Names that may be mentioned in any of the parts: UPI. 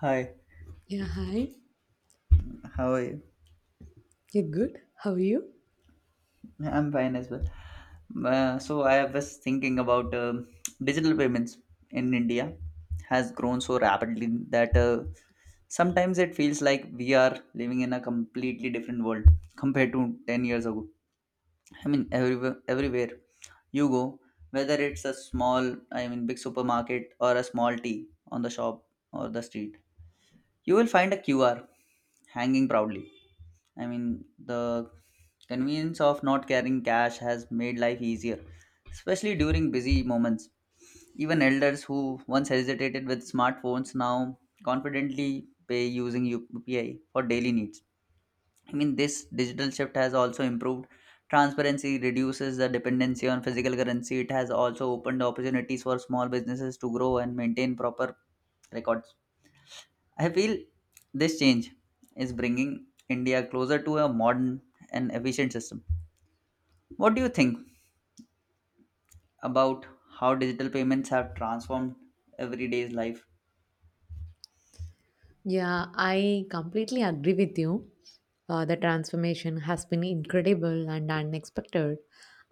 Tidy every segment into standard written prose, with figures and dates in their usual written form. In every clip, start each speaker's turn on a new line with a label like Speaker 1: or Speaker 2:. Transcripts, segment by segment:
Speaker 1: Hi,
Speaker 2: Yeah, hi.
Speaker 1: how are you?
Speaker 2: You're good. How are you?
Speaker 1: I'm fine as well. So I was thinking about digital payments in India has grown so rapidly that sometimes it feels like we are living in a completely different world compared to 10 years ago. I mean, everywhere you go, whether it's a big supermarket or a small tea on the shop or the street, you will find a QR hanging proudly. I mean, the convenience of not carrying cash has made life easier, especially during busy moments. Even elders who once hesitated with smartphones now confidently pay using UPI for daily needs. I mean, this digital shift has also improved transparency, reduces the dependency on physical currency. It has also opened opportunities for small businesses to grow and maintain proper records. I feel this change is bringing India closer to a modern and efficient system. What do you think about how digital payments have transformed everyday's life?
Speaker 2: Yeah, I completely agree with you. The transformation has been incredible and unexpected.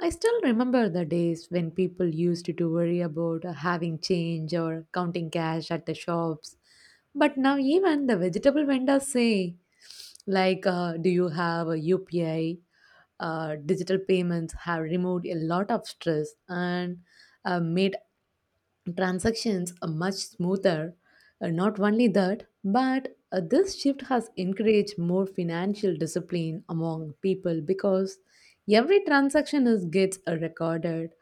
Speaker 2: I still remember the days when people used to worry about having change or counting cash at the shops. But now, even the vegetable vendors say, like, do you have a UPI? Digital payments have removed a lot of stress and made transactions are much smoother. And not only that, but this shift has encouraged more financial discipline among people because every transaction is gets recorded.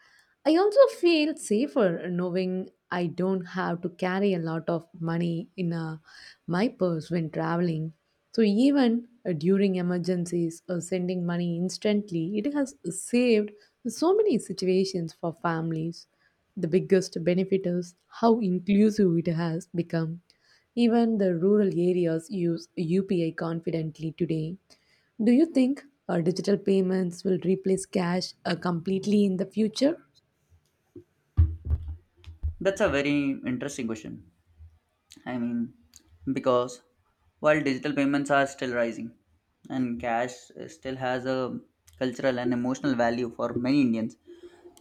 Speaker 2: I also feel safer knowing I don't have to carry a lot of money in my purse when traveling. So even during emergencies or sending money instantly, it has saved so many situations for families. The biggest benefit is how inclusive it has become. Even the rural areas use UPI confidently today. Do you think digital payments will replace cash completely in the future?
Speaker 1: That's a very interesting question. I mean, because while digital payments are still rising and cash still has a cultural and emotional value for many Indians,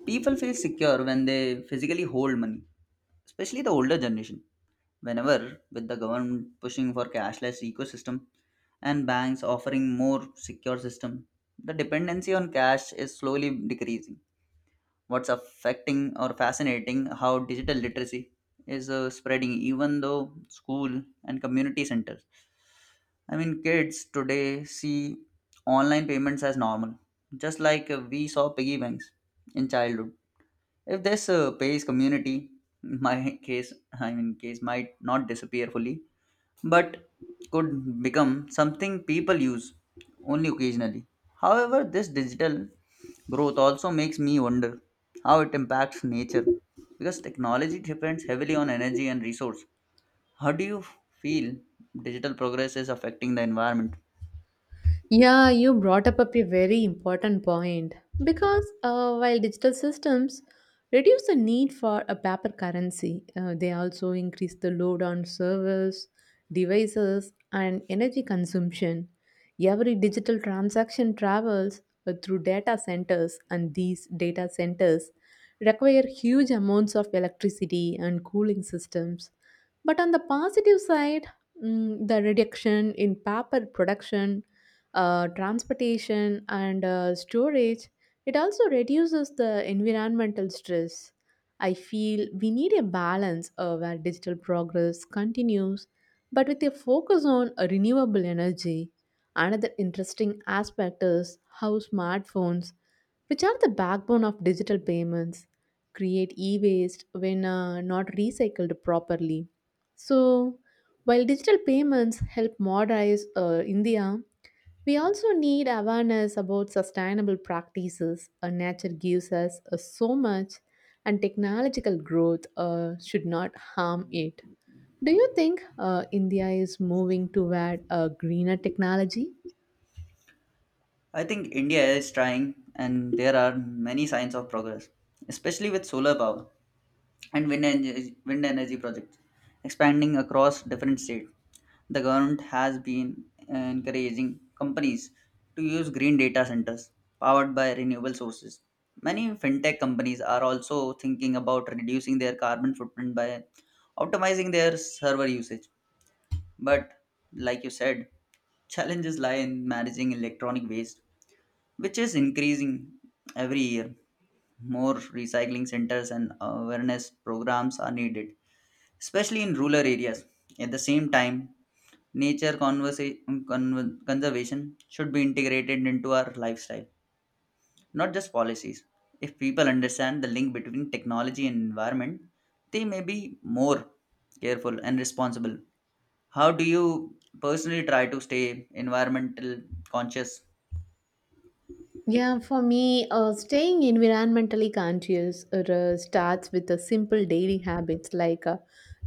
Speaker 1: people feel secure when they physically hold money, especially the older generation. Whenever with the government pushing for cashless ecosystem and banks offering more secure system, the dependency on cash is slowly decreasing. What's affecting or fascinating how digital literacy is spreading even though school and community centers. I mean, kids today see online payments as normal, just like we saw piggy banks in childhood. If this pays community my case, I mean case might not disappear fully, but could become something people use only occasionally. However, this digital growth also makes me wonder how it impacts nature because technology depends heavily on energy and resource. How do you feel digital progress is affecting the environment?
Speaker 2: Yeah, you brought up a very important point because while digital systems reduce the need for a paper currency, they also increase the load on servers, devices, and energy consumption. Every digital transaction travels through data centers, and these data centers require huge amounts of electricity and cooling systems. But on the positive side, the reduction in paper production, transportation, and storage, it also reduces the environmental stress. I feel we need a balance where digital progress continues, but with a focus on renewable energy. Another interesting aspect is how smartphones, which are the backbone of digital payments, create e waste when not recycled properly. So, while digital payments help modernize India, we also need awareness about sustainable practices. Nature gives us so much, and technological growth should not harm it. Do you think India is moving toward a greener technology?
Speaker 1: I think India is trying, and there are many signs of progress, especially with solar power and wind energy projects expanding across different states. The government has been encouraging companies to use green data centers powered by renewable sources. Many fintech companies are also thinking about reducing their carbon footprint by optimizing their server usage. But, like you said, challenges lie in managing electronic waste, which is increasing every year. More recycling centers and awareness programs are needed, especially in rural areas. At the same time, nature conversa- conservation should be integrated into our lifestyle, not just policies. If people understand the link between technology and environment, they may be more careful and responsible. How do you personally try to stay environmental conscious?
Speaker 2: Yeah, for me, staying environmentally conscious starts with the simple daily habits like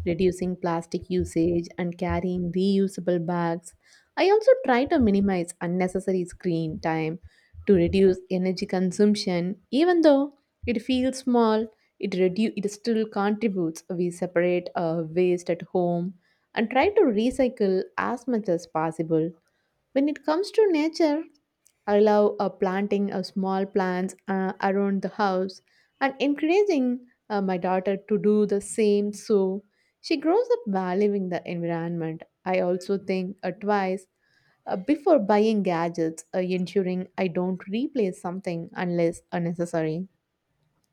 Speaker 2: reducing plastic usage and carrying reusable bags. I also try to minimize unnecessary screen time to reduce energy consumption. Even though it feels small, it still contributes. We separate waste at home and try to recycle as much as possible. When it comes to nature, I love planting small plants around the house and encouraging my daughter to do the same so she grows up valuing the environment. I also think twice before buying gadgets, ensuring I don't replace something unless unnecessary.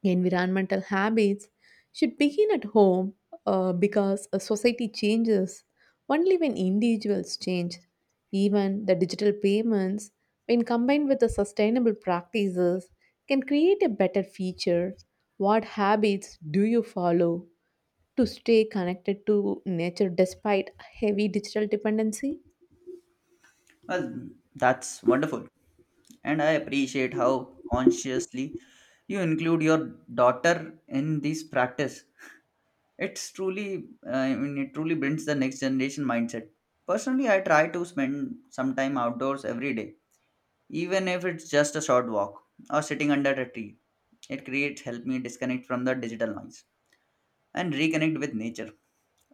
Speaker 2: Environmental habits should begin at home because a society changes only when individuals change. Even the digital payments, when combined with the sustainable practices, can create a better future. What habits do you follow to stay connected to nature despite heavy digital dependency?
Speaker 1: Well, that's wonderful. And I appreciate how consciously you include your daughter in this practice. It truly builds the next generation mindset. Personally, I try to spend some time outdoors every day, even if it's just a short walk or sitting under a tree. It creates help me disconnect from the digital noise and reconnect with nature.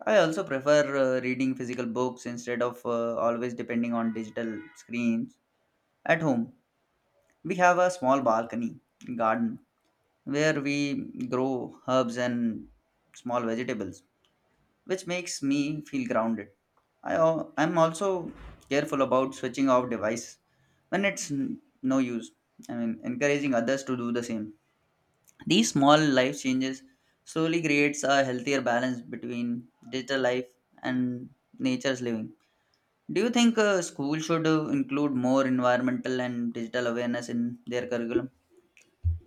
Speaker 1: I also prefer reading physical books instead of always depending on digital screens. At home, we have a small balcony garden where we grow herbs and small vegetables, which makes me feel grounded. I'm also careful about switching off device when it's no use. I mean, encouraging others to do the same. These small life changes slowly creates a healthier balance between digital life and nature's living. Do you think school should include more environmental and digital awareness in their curriculum?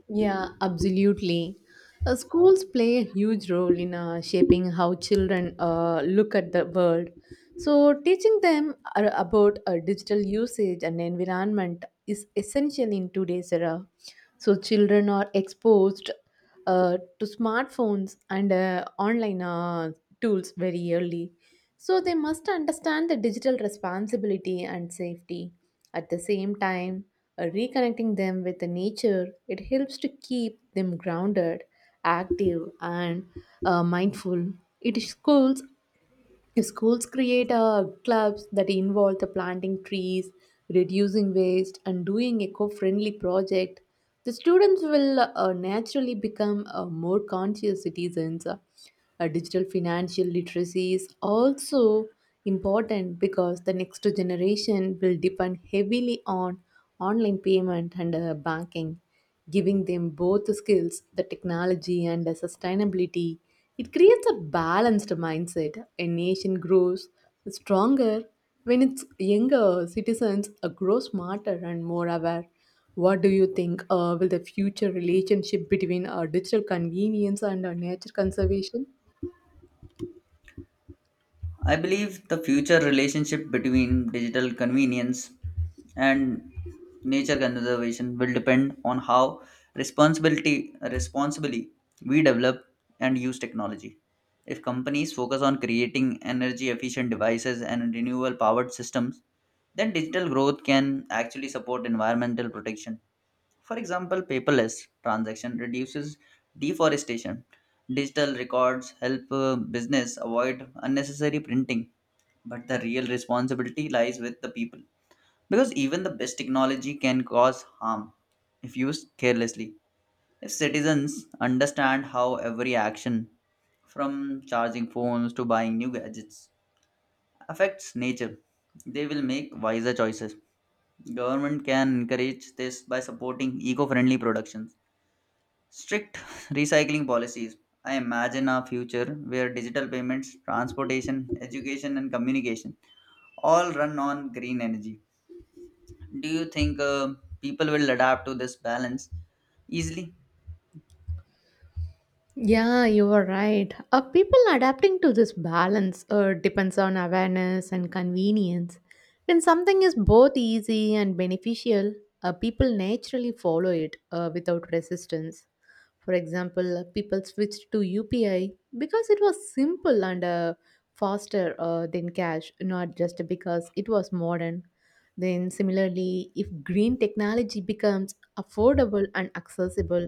Speaker 2: Yeah, absolutely. Schools play a huge role in shaping how children look at the world. So, teaching them about digital usage and environment is essential in today's era. So, children are exposed to smartphones and online tools very early. So, they must understand the digital responsibility and safety. At the same time, reconnecting them with the nature, it helps to keep them grounded, active, and mindful. It schools Schools create clubs that involve the planting trees, reducing waste, and doing eco-friendly project. The students will naturally become more conscious citizens. Digital financial literacy is also important because the next generation will depend heavily on online payment and banking, giving them both the skills, the technology, and the sustainability. It creates a balanced mindset. A nation grows stronger when its younger citizens grow smarter and more aware. What do you think will the future relationship between our digital convenience and our nature conservation?
Speaker 1: I believe the future relationship between digital convenience and nature conservation will depend on how responsibility responsibly we develop and use technology. If companies focus on creating energy efficient devices and renewable powered systems, then digital growth can actually support environmental protection. For example, paperless transaction reduces deforestation. Digital records help business avoid unnecessary printing, but the real responsibility lies with the people because even the best technology can cause harm if used carelessly. If citizens understand how every action, from charging phones to buying new gadgets, affects nature, they will make wiser choices. Government can encourage this by supporting eco-friendly productions, strict recycling policies. I imagine a future where digital payments, transportation, education and communication all run on green energy. Do you think people will adapt to this balance easily?
Speaker 2: Yeah, you are right. People adapting to this balance depends on awareness and convenience. When something is both easy and beneficial, people naturally follow it without resistance. For example, people switched to UPI because it was simple and faster than cash, not just because it was modern. Then, similarly, if green technology becomes affordable and accessible,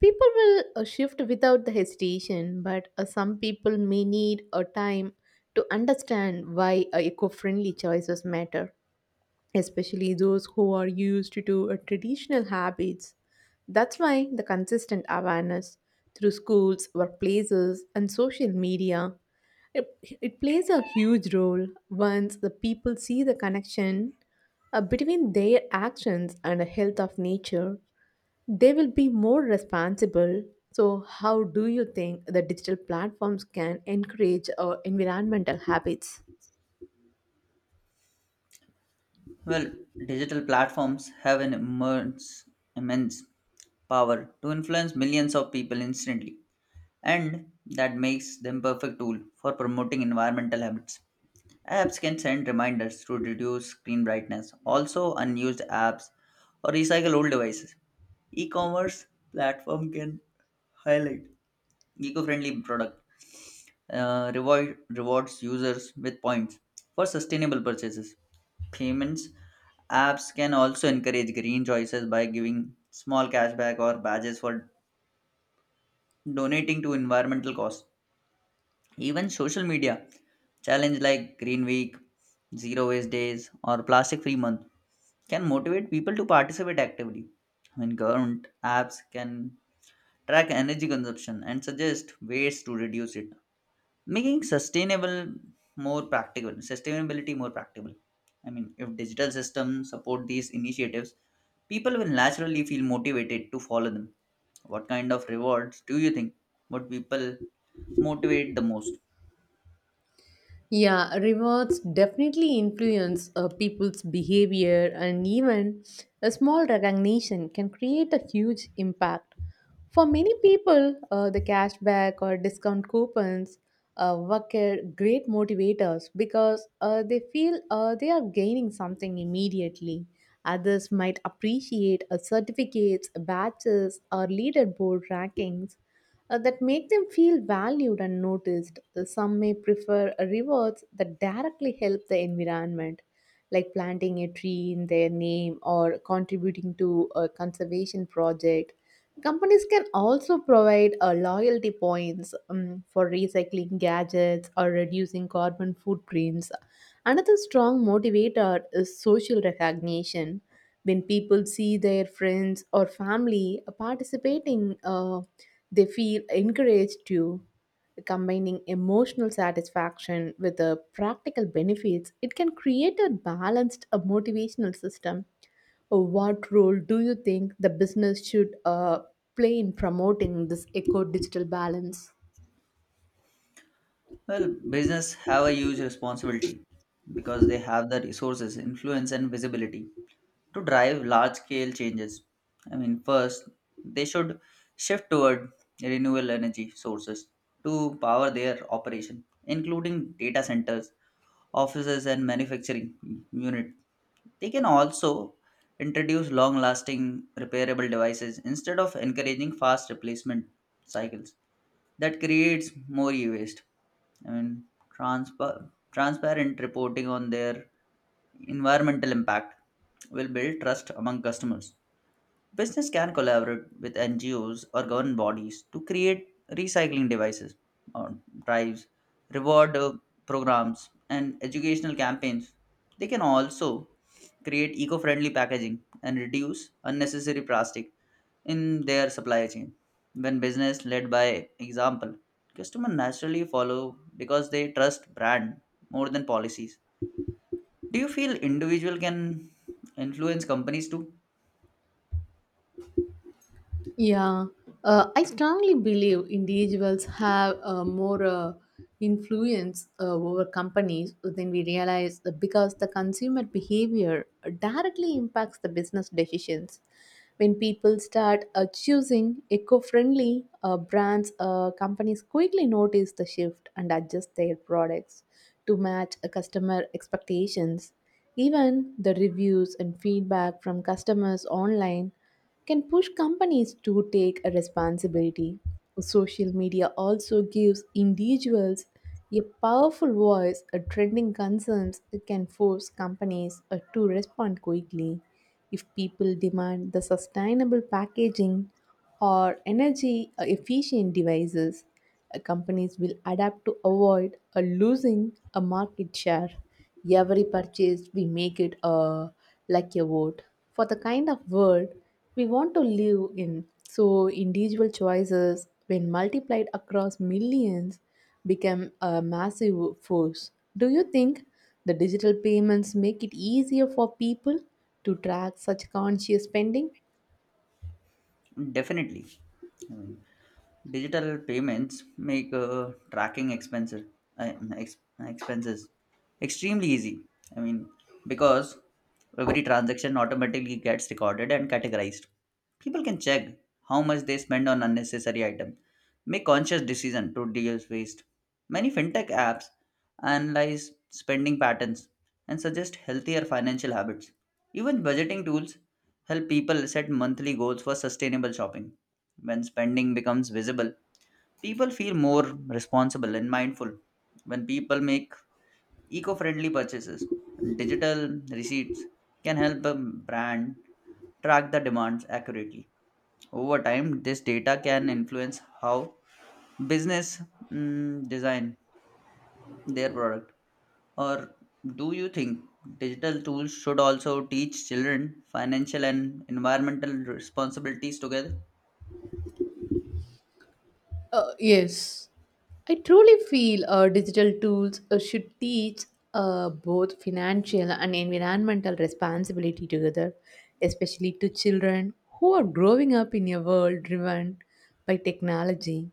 Speaker 2: people will shift without the hesitation, but some people may need a time to understand why eco-friendly choices matter, especially those who are used to traditional habits. That's why the consistent awareness through schools, workplaces, and social media, it, it plays a huge role. Once the people see the connection between their actions and the health of nature, they will be more responsible. So, how do you think the digital platforms can encourage environmental habits?
Speaker 1: Well, digital platforms have an immense power to influence millions of people instantly, and that makes them perfect tool for promoting environmental habits. Apps can send reminders to reduce screen brightness, also unused apps or recycle old devices. E-commerce platform can highlight eco-friendly product, rewards users with points for sustainable purchases. Payments apps can also encourage green choices by giving small cashback or badges for donating to environmental cause. Even social media challenge like Green Week, Zero Waste Days, or Plastic Free Month can motivate people to participate actively. I mean, government apps can track energy consumption and suggest ways to reduce it, making sustainable more practical sustainability more practical. I mean, if digital systems support these initiatives, people will naturally feel motivated to follow them. What kind of rewards do you think would people motivate the most?
Speaker 2: Yeah, rewards definitely influence people's behavior, and even a small recognition can create a huge impact. For many people, the cashback or discount coupons work as great motivators because they feel they are gaining something immediately. Others might appreciate certificates, badges, or leaderboard rankings that make them feel valued and noticed. Some may prefer rewards that directly help the environment, like planting a tree in their name or contributing to a conservation project. Companies can also provide loyalty points for recycling gadgets or reducing carbon footprints. Another strong motivator is social recognition. When people see their friends or family participating, they feel encouraged to combining emotional satisfaction with the practical benefits. It can create a motivational system. What role do you think the business should play in promoting this eco digital balance?
Speaker 1: Well, business have a huge responsibility because they have the resources, influence, and visibility to drive large scale changes. I mean, first, they should shift toward renewable energy sources to power their operation, including data centers, offices, and manufacturing unit. They can also introduce long lasting repairable devices instead of encouraging fast replacement cycles that creates more e-waste. I mean, transparent reporting on their environmental impact will build trust among customers. Business can collaborate with NGOs or government bodies to create recycling devices or drives, reward programs, and educational campaigns. They can also create eco friendly packaging and reduce unnecessary plastic in their supply chain. When business led by example, customers naturally follow because they trust brand more than policies. Do you feel individual can influence companies too?
Speaker 2: Yeah, I strongly believe individuals have more influence over companies than we realize because the consumer behavior directly impacts the business decisions. When people start choosing eco friendly brands, companies quickly notice the shift and adjust their products to match customer expectations. Even the reviews and feedback from customers online can push companies to take a responsibility. Social media also gives individuals a powerful voice. A trending concerns can force companies to respond quickly. If people demand the sustainable packaging or energy efficient devices, companies will adapt to avoid losing a market share. Every purchase, we make it like a vote for the kind of world we want to live in. So, individual choices, when multiplied across millions, become a massive force. Do you think the digital payments make it easier for people to track such conscious spending?
Speaker 1: Definitely. I mean, digital payments make tracking um, ex- expenses extremely easy. I mean, because every transaction automatically gets recorded and categorized. People can check how much they spend on unnecessary items, make conscious decision to reduce waste. Many fintech apps analyze spending patterns and suggest healthier financial habits. Even budgeting tools help people set monthly goals for sustainable shopping. When spending becomes visible, people feel more responsible and mindful. When people make eco friendly purchases, digital receipts can help a brand track the demands accurately. Over time, this data can influence how business design their product. Or do you think digital tools should also teach children financial and environmental responsibilities together?
Speaker 2: Yes, I truly feel digital tools should teach both financial and environmental responsibility together, especially to children who are growing up in a world driven by technology.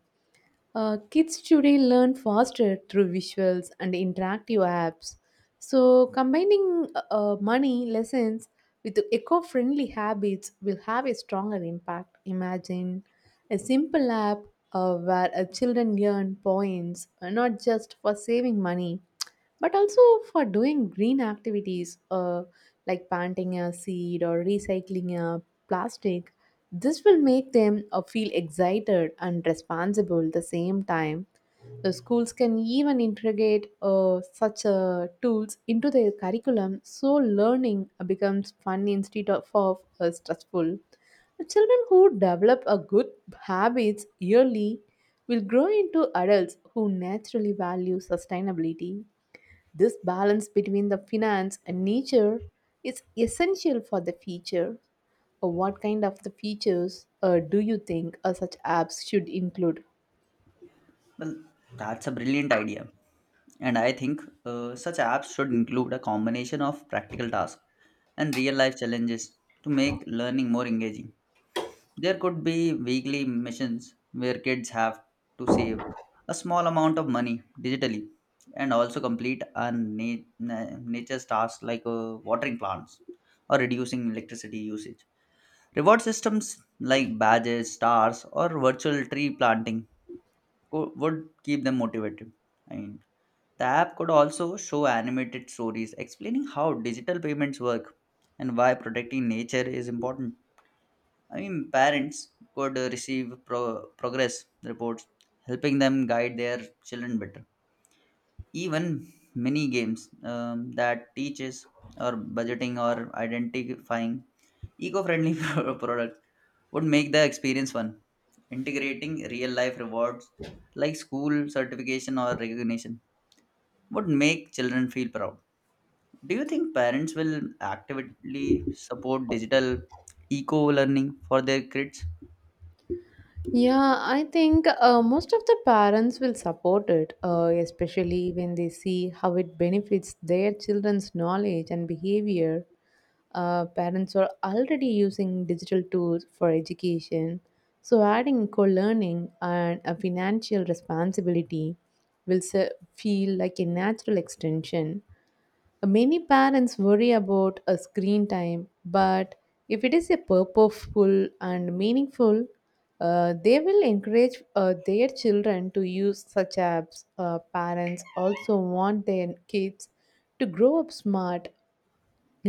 Speaker 2: Kids today learn faster through visuals and interactive apps. So, combining money lessons with eco friendly habits will have a stronger impact. Imagine a simple app where children earn points, not just for saving money, but also for doing green activities like planting a seed or recycling a plastic. This will make them feel excited and responsible at the same time. The schools can even integrate such tools into their curriculum so learning becomes fun instead of stressful. The children who develop a good habits yearly will grow into adults who naturally value sustainability. This balance between the finance and nature is essential for the future. What kind of the features do you think such apps should include?
Speaker 1: Well, that's a brilliant idea. And I think such apps should include a combination of practical tasks and real life challenges to make learning more engaging. There could be weekly missions where kids have to save a small amount of money digitally and also complete a nature's tasks like watering plants or reducing electricity usage. Reward systems like badges, stars, or virtual tree planting would keep them motivated. I mean, the app could also show animated stories explaining how digital payments work and why protecting nature is important. I mean, parents could receive progress reports, helping them guide their children better. Even mini games that teaches or budgeting or identifying eco-friendly products would make the experience fun. Integrating real-life rewards like school certification or recognition would make children feel proud. Do you think parents will actively support digital eco learning for their kids?
Speaker 2: Yeah, I think most of the parents will support it, especially when they see how it benefits their children's knowledge and behavior. Parents are already using digital tools for education, so adding co learning and a financial responsibility will feel like a natural extension. Many parents worry about a screen time, but if it is a purposeful and meaningful, they will encourage their children to use such apps. Parents also want their kids to grow up smart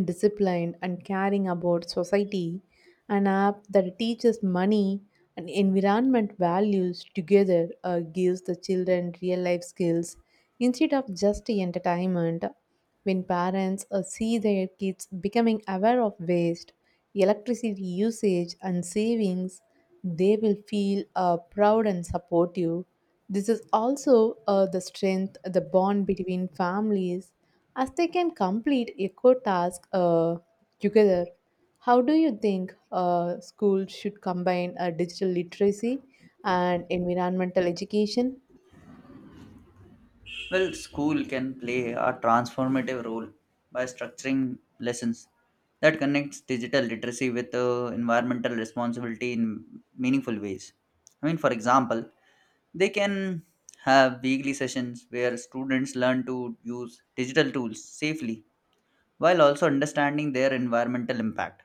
Speaker 2: disciplined and caring about society. An app that teaches money and environment values together gives the children real life skills instead of just entertainment. When parents see their kids becoming aware of waste, electricity usage, and savings, they will feel proud and supportive. This is also the strength, the bond between families as they can complete eco task together. How do you think schools should combine digital literacy and environmental education?
Speaker 1: Well, school can play a transformative role by structuring lessons that connects digital literacy with environmental responsibility in meaningful ways. I mean, for example, they can have weekly sessions where students learn to use digital tools safely while also understanding their environmental impact.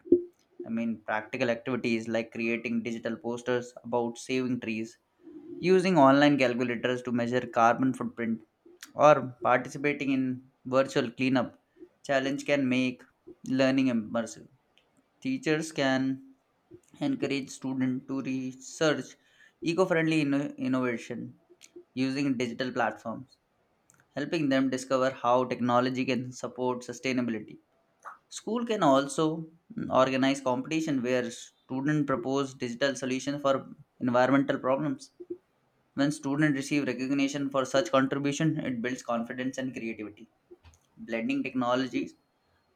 Speaker 1: I mean, practical activities like creating digital posters about saving trees, using online calculators to measure carbon footprint, or participating in virtual cleanup challenge can make learning immersive. Teachers can encourage students to research eco-friendly innovation using digital platforms, helping them discover how technology can support sustainability. School can also organize competition where students propose digital solutions for environmental problems. When students receive recognition for such contribution, it builds confidence and creativity. Blending technologies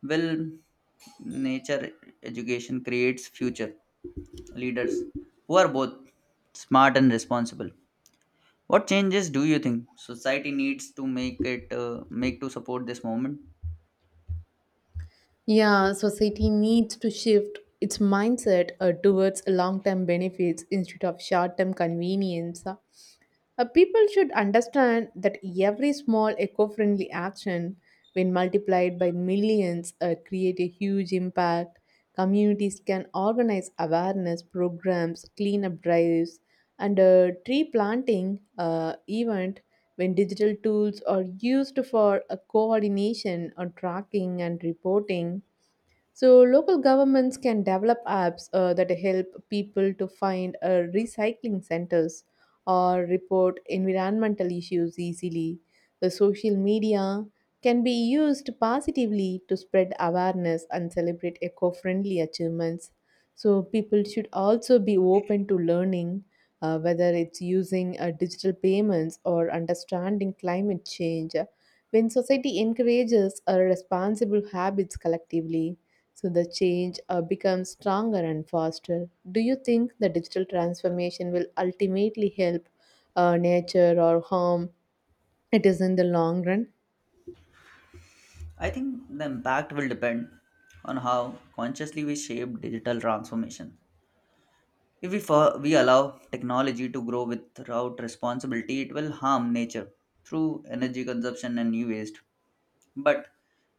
Speaker 1: will nature education creates future leaders who are both smart and responsible. What changes do you think society needs to make to support this movement?
Speaker 2: Yeah, society needs to shift its mindset towards long term benefits instead of short term convenience. People should understand that every small eco friendly action, when multiplied by millions, create a huge impact. Communities can organize awareness programs, cleanup drives, and a tree planting event when digital tools are used for coordination or tracking and reporting. So, local governments can develop apps that help people to find recycling centers or report environmental issues easily. The social media can be used positively to spread awareness and celebrate eco friendly achievements. So, people should also be open to learning, whether it's using digital payments or understanding climate change. When society encourages responsible habits collectively, so the change becomes stronger and faster. Do you think the digital transformation will ultimately help nature or harm it is in the long run?
Speaker 1: I think the impact will depend on how consciously we shape digital transformation. If we allow technology to grow without responsibility, it will harm nature through energy consumption and new waste. But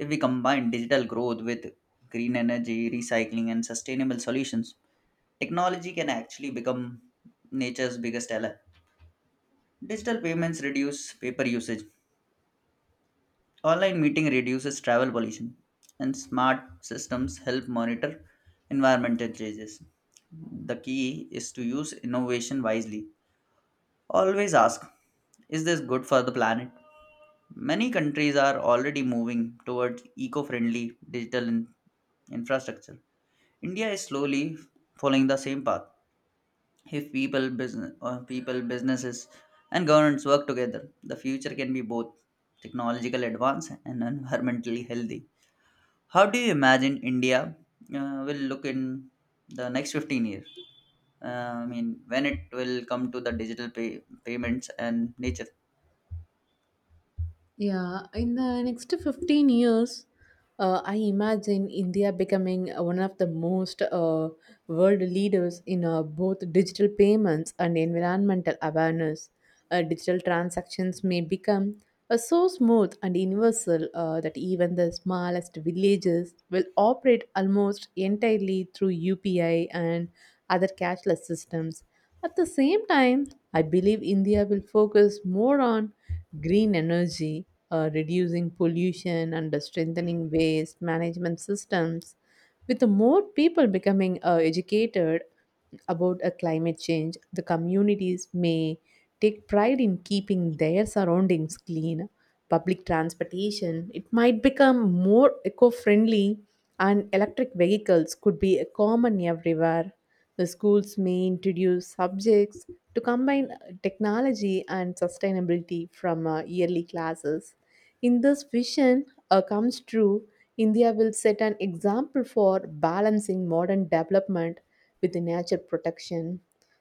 Speaker 1: if we combine digital growth with green energy, recycling, and sustainable solutions, technology can actually become nature's biggest ally. Digital payments reduce paper usage. Online meeting reduces travel pollution, and smart systems help monitor environmental changes. The key is to use innovation wisely. Always ask, is this good for the planet? Many countries are already moving towards eco friendly digital infrastructure. India is slowly following the same path. If people, businesses, and governments work together, the future can be both technological advance and environmentally healthy. How do you imagine India will look in the next 15 years? I mean, when it will come to the payments and nature?
Speaker 2: Yeah, in the next 15 years, I imagine India becoming one of the most world leaders in both digital payments and environmental awareness. Digital transactions may become so smooth and universal that even the smallest villages will operate almost entirely through UPI and other cashless systems. At the same time, I believe India will focus more on green energy, reducing pollution and strengthening waste management systems. With more people becoming educated about climate change, the communities may take pride in keeping their surroundings clean. Public transportation, it might become more eco friendly, and electric vehicles could be common everywhere. The schools may introduce subjects to combine technology and sustainability from yearly classes. In this vision comes true, India will set an example for balancing modern development with the nature protection.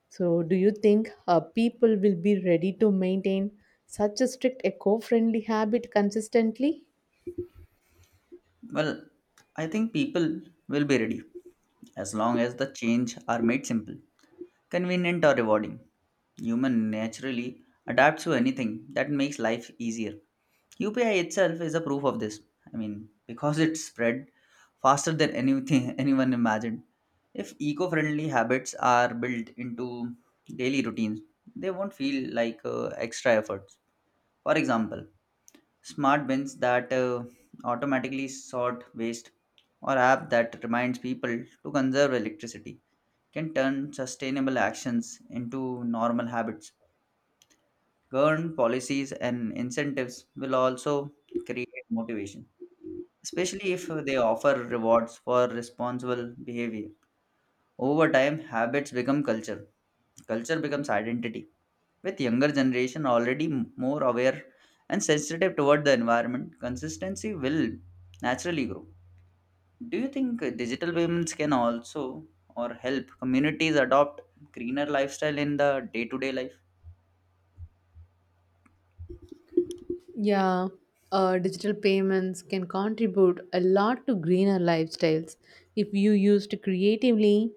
Speaker 2: So, do you think people will be ready to maintain such a strict eco friendly habit consistently?
Speaker 1: Well, I think people will be ready as long as the change are made simple, convenient, or rewarding. Human naturally adapts to anything that makes life easier. UPI itself is a proof of this. I mean, because it spread faster than anything anyone imagined. If eco friendly habits are built into daily routines, they won't feel like extra efforts. For example, smart bins that automatically sort waste or app that reminds people to conserve electricity can turn sustainable actions into normal habits. Government policies and incentives will also create motivation, especially if they offer rewards for responsible behavior. Over time, habits become culture. Culture becomes identity. With younger generation already more aware and sensitive toward the environment, consistency will naturally grow. Do you think digital payments can also or help communities adopt greener lifestyle in the day-to-day life?
Speaker 2: Yeah, digital payments can contribute a lot to greener lifestyles if you used creatively.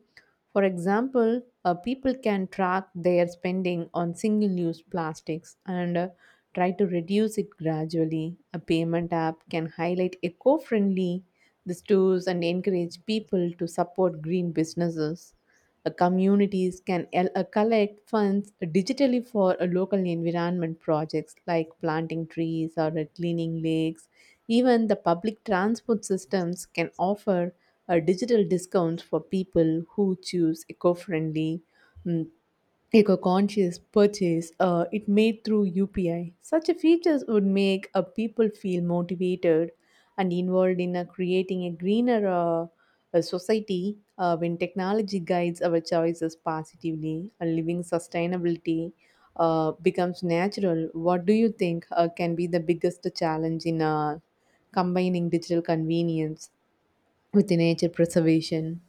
Speaker 2: For example, people can track their spending on single use plastics and try to reduce it gradually. A payment app can highlight eco friendly the stores and encourage people to support green businesses. Communities can collect funds digitally for local environment projects like planting trees or cleaning lakes. Even the public transport systems can offer digital discounts for people who choose eco-conscious purchase it made through UPI. Such a features would make people feel motivated and involved in creating a greener society when technology guides our choices positively. Living sustainability becomes natural. What do you think can be the biggest challenge in combining digital convenience with the nature preservation?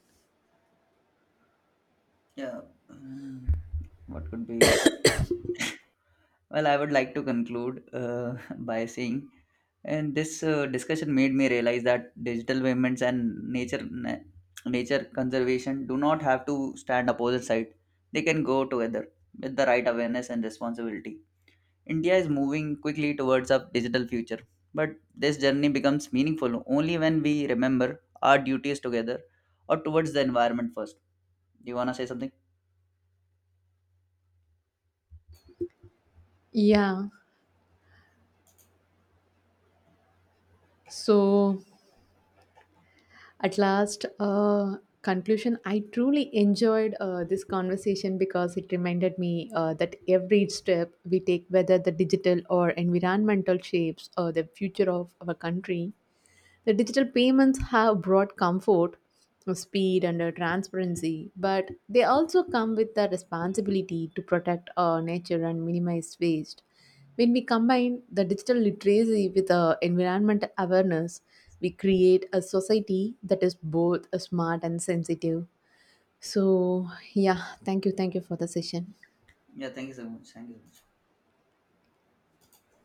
Speaker 1: Yeah. um, what could be? Well, I would like to conclude by saying and this discussion made me realize that digital payments and nature conservation do not have to stand opposite side. They can go together with the right awareness and responsibility. India is moving quickly towards a digital future, but this journey becomes meaningful only when we remember our duties together or towards the environment first. Do you want to say something?
Speaker 2: Yeah, so, at last, conclusion, I truly enjoyed this conversation because it reminded me that every step we take, whether the digital or environmental shapes or the future of our country, the digital payments have brought comfort, speed, and transparency, but they also come with the responsibility to protect our nature and minimize waste. When we combine the digital literacy with environmental awareness, we create a society that is both smart and sensitive. So, yeah, thank you for the session.
Speaker 1: Yeah, thank you so much, thank you so much.